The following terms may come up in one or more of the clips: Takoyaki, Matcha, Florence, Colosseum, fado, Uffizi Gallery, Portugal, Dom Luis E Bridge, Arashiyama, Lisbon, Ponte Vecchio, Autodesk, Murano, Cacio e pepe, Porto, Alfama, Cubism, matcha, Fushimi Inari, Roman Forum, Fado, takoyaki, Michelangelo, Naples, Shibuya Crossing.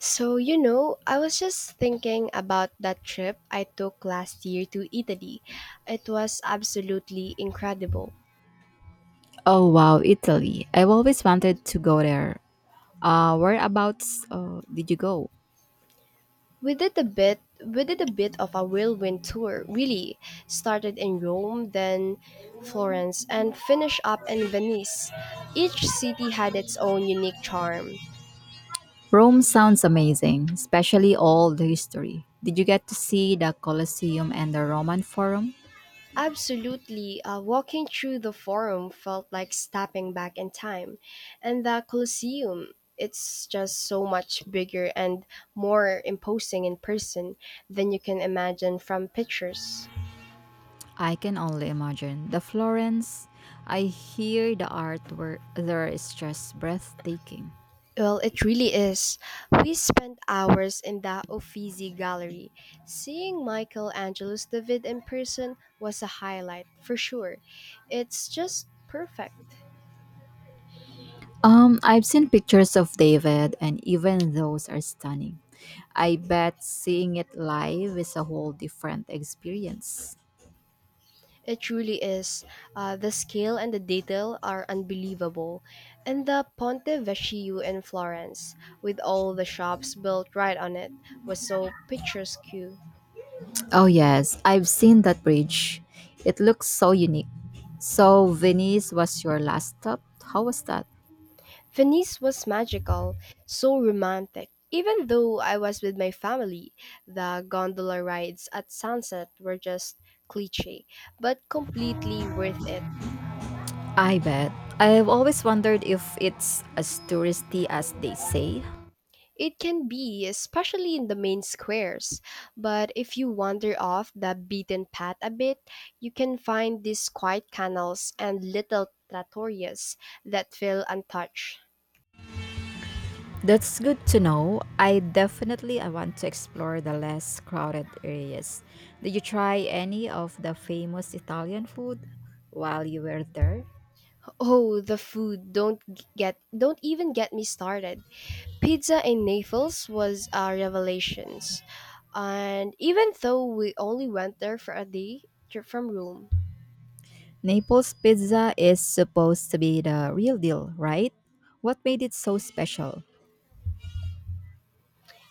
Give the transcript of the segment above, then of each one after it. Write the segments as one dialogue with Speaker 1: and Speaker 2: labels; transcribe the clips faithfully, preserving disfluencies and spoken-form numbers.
Speaker 1: So, you know, I was just thinking about that trip I took last year to Italy. It was absolutely incredible.
Speaker 2: Oh wow, Italy. I've always wanted to go there. Uh, whereabouts uh, did you go?
Speaker 1: We did a bit we did a bit of a whirlwind tour, really. Started in Rome, then Florence, and finished up in Venice. Each city had its own unique charm.
Speaker 2: Rome sounds amazing, especially all the history. Did you get to see the Colosseum and the Roman Forum?
Speaker 1: Absolutely, uh, walking through the forum felt like stepping back in time. And the Colosseum, it's just so much bigger and more imposing in person than you can imagine from pictures.
Speaker 2: I can only imagine. The Florence, I hear the art there is just breathtaking.
Speaker 1: Well, it really is. We spent hours in the Uffizi Gallery. Seeing Michelangelo's David in person was a highlight, for sure. It's just perfect.
Speaker 2: Um, I've seen pictures of David and even those are stunning. I bet seeing it live is a whole different experience.
Speaker 1: It truly is. Uh, the scale and the detail are unbelievable. And the Ponte Vecchio in Florence, with all the shops built right on it, was so picturesque.
Speaker 2: Oh, yes, I've seen that bridge. It looks so unique. So, Venice was your last stop? How was that?
Speaker 1: Venice was magical, so romantic. Even though I was with my family, the gondola rides at sunset were just cliche, but completely worth it.
Speaker 2: I bet. I've always wondered if it's as touristy as they say.
Speaker 1: It can be, especially in the main squares. But if you wander off the beaten path a bit, you can find these quiet canals and little trattorias that feel untouched.
Speaker 2: That's good to know. I definitely I want to explore the less crowded areas. Did you try any of the famous Italian food while you were there?
Speaker 1: Oh, the food! Don't g- get, don't even get me started. Pizza in Naples was a revelations, and even though we only went there for a day trip from Rome,
Speaker 2: Naples pizza is supposed to be the real deal, right? What made it so special?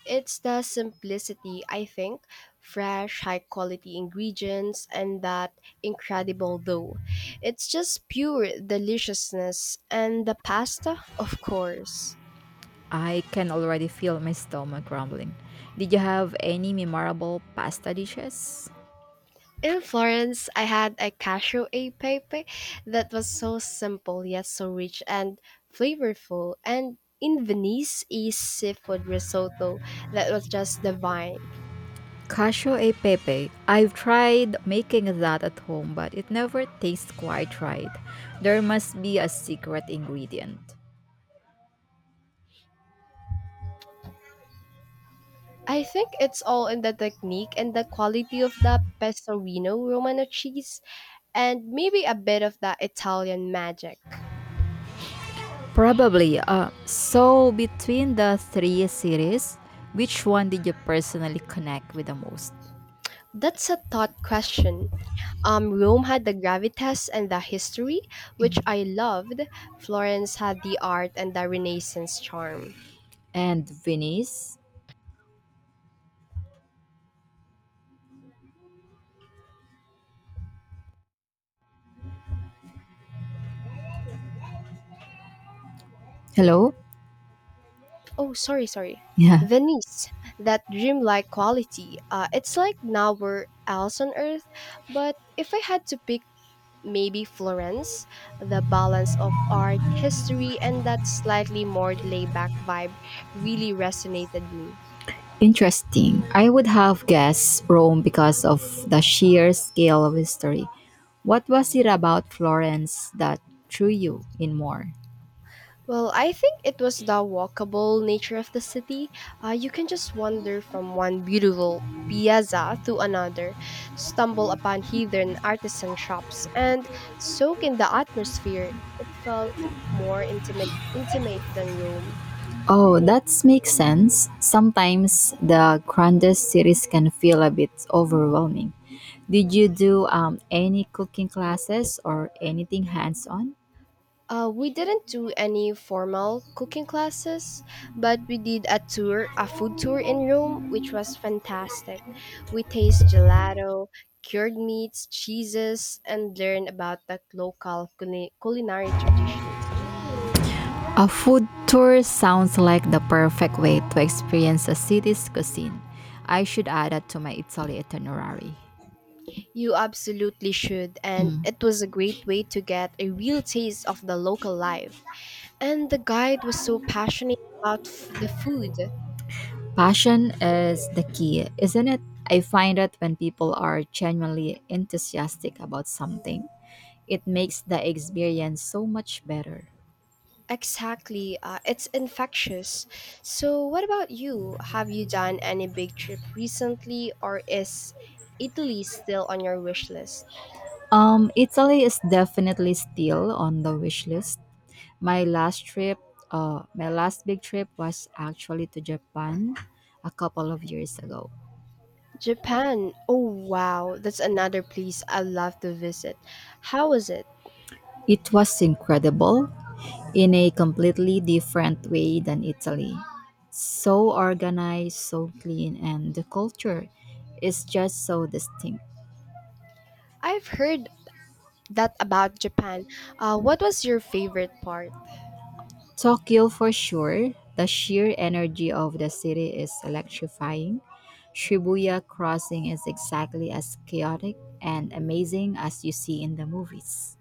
Speaker 1: it's the simplicity, I think. Fresh, high quality ingredients and that incredible dough. It's just pure deliciousness. And the pasta, of course.
Speaker 2: I can already feel my stomach rumbling. Did you have any memorable pasta dishes?
Speaker 1: In Florence, I had a cashew e pepe that was so simple yet so rich and flavorful. And in Venice, a seafood risotto that was just divine.
Speaker 2: Casio e pepe. I've tried making that at home, but it never tastes quite right. There must be a secret ingredient.
Speaker 1: I think it's all in the technique and the quality of the Pecorino Romano cheese, and maybe a bit of the Italian magic.
Speaker 2: Probably. Uh, so, between the three series, which one did you personally connect with the most?
Speaker 1: That's a thought question. Um, Rome had the gravitas and the history, which I loved. Florence had the art and the Renaissance charm.
Speaker 2: And Venice? Hello?
Speaker 1: Oh, sorry, sorry.
Speaker 2: Yeah.
Speaker 1: Venice, that dreamlike quality. Uh, it's like nowhere else on earth. But if I had to pick maybe Florence, the balance of art, history, and that slightly more laid back vibe really resonated me.
Speaker 2: Interesting. I would have guessed Rome because of the sheer scale of history. What was it about Florence that drew you in more?
Speaker 1: Well, I think it was the walkable nature of the city. Uh, you can just wander from one beautiful piazza to another, stumble upon hidden artisan shops, and soak in the atmosphere. It felt more intimate, intimate than Rome.
Speaker 2: Oh, that makes sense. Sometimes the grandest cities can feel a bit overwhelming. Did you do um, any cooking classes or anything hands on?
Speaker 1: Uh, we didn't do any formal cooking classes, but we did a tour, a food tour in Rome, which was fantastic. We taste gelato, cured meats, cheeses, and learn about the local culi- culinary traditions.
Speaker 2: A food tour sounds like the perfect way to experience a city's cuisine. I should add that to my Italy itinerary.
Speaker 1: You absolutely should, and
Speaker 2: Mm.
Speaker 1: it was a great way to get a real taste of the local life. And the guide was so passionate about f- the food.
Speaker 2: Passion is the key, isn't it? I find that when people are genuinely enthusiastic about something, it makes the experience so much better.
Speaker 1: Exactly. Uh, it's infectious. So, what about you? Have you done any big trip recently, or is Italy still on your wish list?
Speaker 2: Um, Italy is definitely still on the wish list. My last trip, uh, my last big trip was actually to Japan a couple of years ago.
Speaker 1: Japan. Oh, wow. That's another place I love to visit. How was it?
Speaker 2: It was incredible, in a completely different way than Italy. So organized, so clean, and the culture is just so distinct.
Speaker 1: I've heard that about Japan. Uh, what was your favorite part?
Speaker 2: Tokyo, for sure, the sheer energy of the city is electrifying. Shibuya Crossing is exactly as chaotic and amazing as you see in the movies.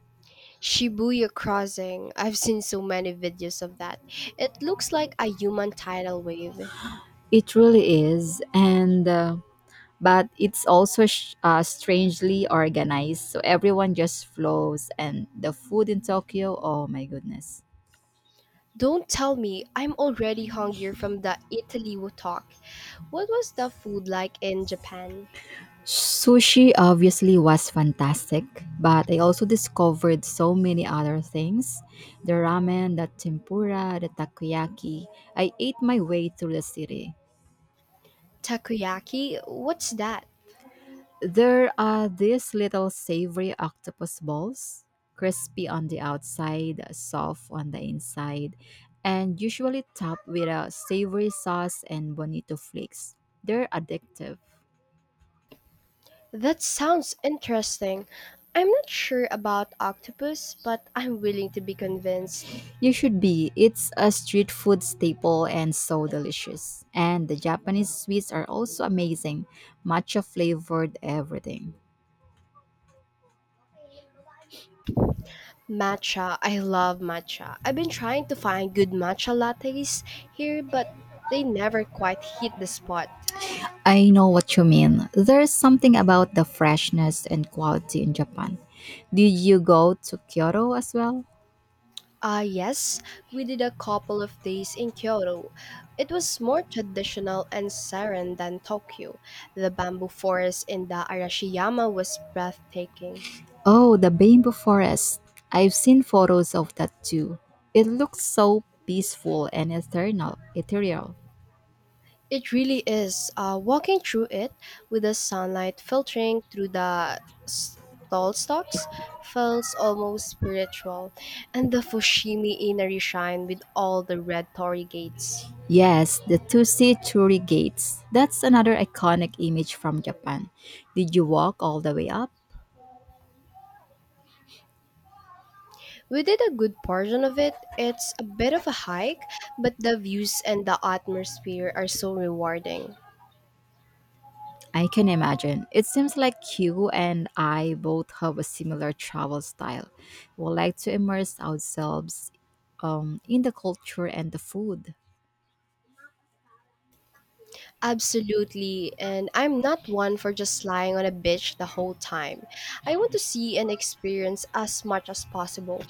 Speaker 1: Shibuya Crossing. I've seen so many videos of that. It looks like a human tidal wave.
Speaker 2: It really is, and uh, but it's also sh- uh, strangely organized. So everyone just flows, and the food in Tokyo, oh my goodness.
Speaker 1: Don't tell me, I'm already hungry from the Italy talk. What was the food like in Japan?
Speaker 2: Sushi obviously was fantastic, but I also discovered so many other things, the ramen, the tempura, the takoyaki. I ate my way through the city.
Speaker 1: Takoyaki? What's that?
Speaker 2: There are these little savory octopus balls, crispy on the outside, soft on the inside, and usually topped with a savory sauce and bonito flakes. They're addictive.
Speaker 1: That sounds interesting. I'm not sure about octopus, but I'm willing to be convinced.
Speaker 2: You should be. It's a street food staple and so delicious. And the Japanese sweets are also amazing, matcha flavored everything.
Speaker 1: Matcha, I love matcha. I've been trying to find good matcha lattes here, but they never quite hit the spot.
Speaker 2: I know what you mean. There's something about the freshness and quality in Japan. Did you go to Kyoto as well?
Speaker 1: Ah, yes, we did a couple of days in Kyoto. It was more traditional and serene than Tokyo. The bamboo forest in the Arashiyama was breathtaking.
Speaker 2: Oh, the bamboo forest. I've seen photos of that too. It looks so peaceful and eternal, ethereal.
Speaker 1: It really is. Uh, walking through it with the sunlight filtering through the s- tall stalks feels almost spiritual, and the Fushimi Inari shrine with all the red torii gates.
Speaker 2: Yes, the Tusi Churi Gates. That's another iconic image from Japan. Did you walk all the way up?
Speaker 1: We did a good portion of it. It's a bit of a hike, but the views and the atmosphere are so rewarding.
Speaker 2: I can imagine. It seems like you and I both have a similar travel style. We like to immerse ourselves um, in the culture and the food.
Speaker 1: Absolutely, and I'm not one for just lying on a beach the whole time. I want to see and experience as much as possible.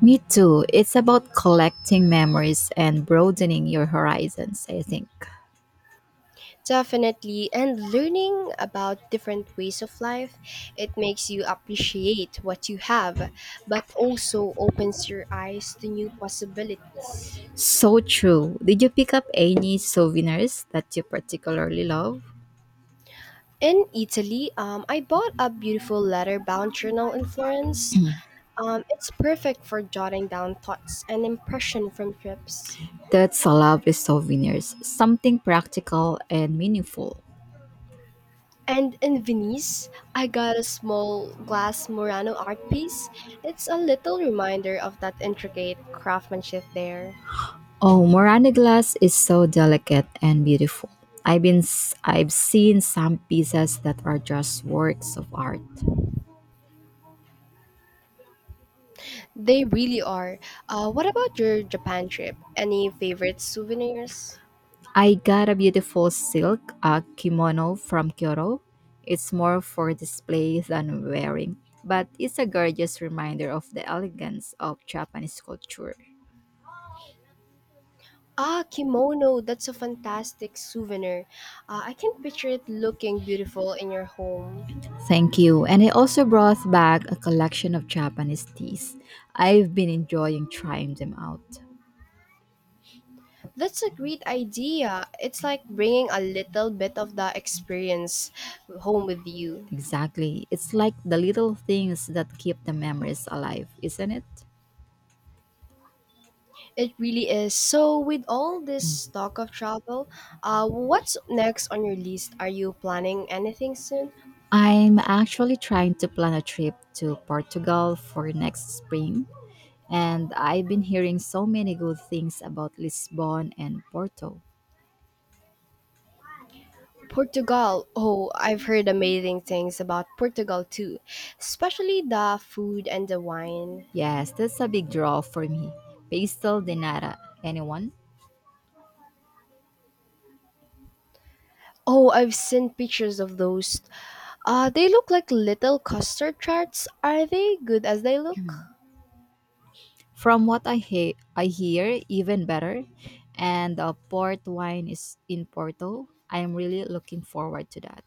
Speaker 2: Me too. It's about collecting memories and broadening your horizons, I think.
Speaker 1: Definitely, and learning about different ways of life, it makes you appreciate what you have, but also opens your eyes to new possibilities.
Speaker 2: So true. Did you pick up any souvenirs that you particularly love?
Speaker 1: In Italy, um, I bought a beautiful leather-bound journal in Florence. Um, it's perfect for jotting down thoughts and impression from trips.
Speaker 2: That's a lovely souvenirs. Something practical and meaningful.
Speaker 1: And in Venice, I got a small glass Murano art piece. It's a little reminder of that intricate craftsmanship there.
Speaker 2: Oh, Morana glass is so delicate and beautiful. I've been s- I've seen some pieces that are just works of art.
Speaker 1: They really are. Uh, what about your Japan trip? Any favorite souvenirs?
Speaker 2: I got a beautiful silk uh, kimono from Kyoto. It's more for display than wearing, but it's a gorgeous reminder of the elegance of Japanese culture.
Speaker 1: Ah, kimono, that's a fantastic souvenir. Uh, I can picture it looking beautiful in your home.
Speaker 2: Thank you. And I also brought back a collection of Japanese teas. I've been enjoying trying them out.
Speaker 1: That's a great idea. It's like bringing a little bit of the experience home with you.
Speaker 2: Exactly. It's like the little things that keep the memories alive, isn't it?
Speaker 1: It really is. So, with all this talk of travel, uh, what's next on your list? Are you planning anything soon?
Speaker 2: I'm actually trying to plan a trip to Portugal for next spring, and I've been hearing so many good things about Lisbon and Porto.
Speaker 1: Portugal. Oh, I've heard amazing things about Portugal too, especially the food and the wine.
Speaker 2: Yes, that's a big draw for me. Pastel de nata, anyone?
Speaker 1: Oh, I've seen pictures of those. Uh, they look like little custard tarts. Are they good as they look?
Speaker 2: From what I he- I hear, even better. And the port wine is in Porto. I am really looking forward to that.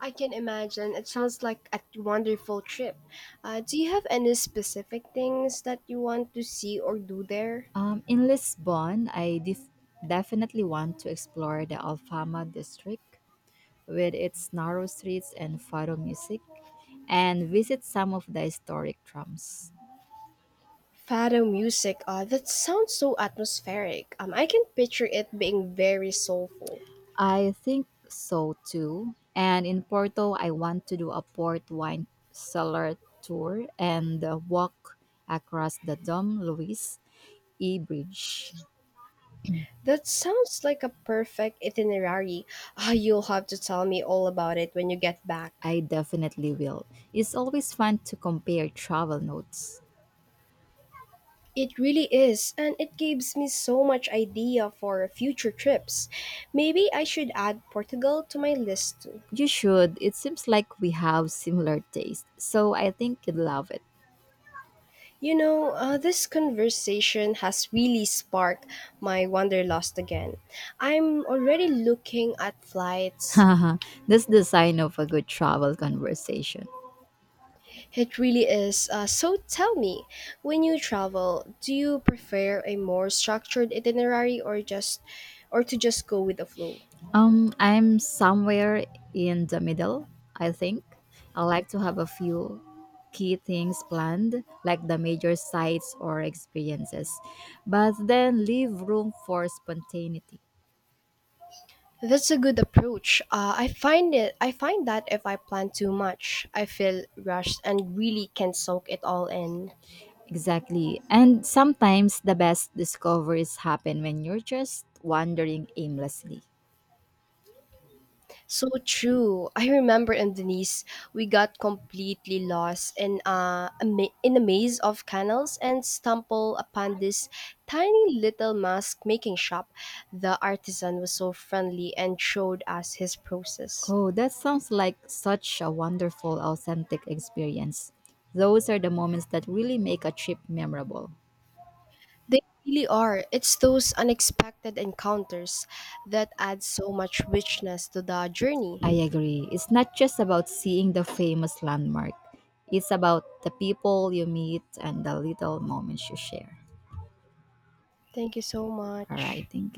Speaker 1: I can imagine. It sounds like a wonderful trip. Uh, do you have any specific things that you want to see or do there?
Speaker 2: Um, in Lisbon, I def- definitely want to explore the Alfama district with its narrow streets and fado music and visit some of the historic trams.
Speaker 1: Fado music. Uh, that sounds so atmospheric. Um, I can picture it being very soulful.
Speaker 2: I think so too. And in Porto, I want to do a port wine cellar tour and uh, walk across the Dom Luis E Bridge.
Speaker 1: That sounds like a perfect itinerary. Ah, you'll have to tell me all about it when you get back.
Speaker 2: I definitely will. It's always fun to compare travel notes.
Speaker 1: It really is, and it gives me so much idea for future trips. Maybe I should add Portugal to my list too.
Speaker 2: You should. It seems like we have similar taste, so I think you'd love it.
Speaker 1: You know, uh, this conversation has really sparked my wanderlust again. I'm already looking at flights.
Speaker 2: That's the sign of a good travel conversation.
Speaker 1: It really is. Uh, so tell me, when you travel, do you prefer a more structured itinerary or just or to just go with the flow?
Speaker 2: Um, I'm somewhere in the middle, I think. I like to have a few key things planned, like the major sites or experiences, but then leave room for spontaneity.
Speaker 1: That's a good approach. Uh, I find it. I find that if I plan too much, I feel rushed and really can not soak it all in.
Speaker 2: Exactly. And sometimes the best discoveries happen when you're just wandering aimlessly.
Speaker 1: So true. I remember in Denise, we got completely lost in uh, a ma- in a maze of canals and stumbled upon this tiny little mask making shop. The artisan was so friendly and showed us his process.
Speaker 2: Oh, that sounds like such a wonderful, authentic experience. Those are the moments that really make a trip memorable.
Speaker 1: They really are. It's those unexpected encounters that add so much richness to the journey.
Speaker 2: I agree. It's not just about seeing the famous landmark, it's about the people you meet and the little moments you share.
Speaker 1: Thank you so
Speaker 2: All right,
Speaker 1: much.
Speaker 2: thank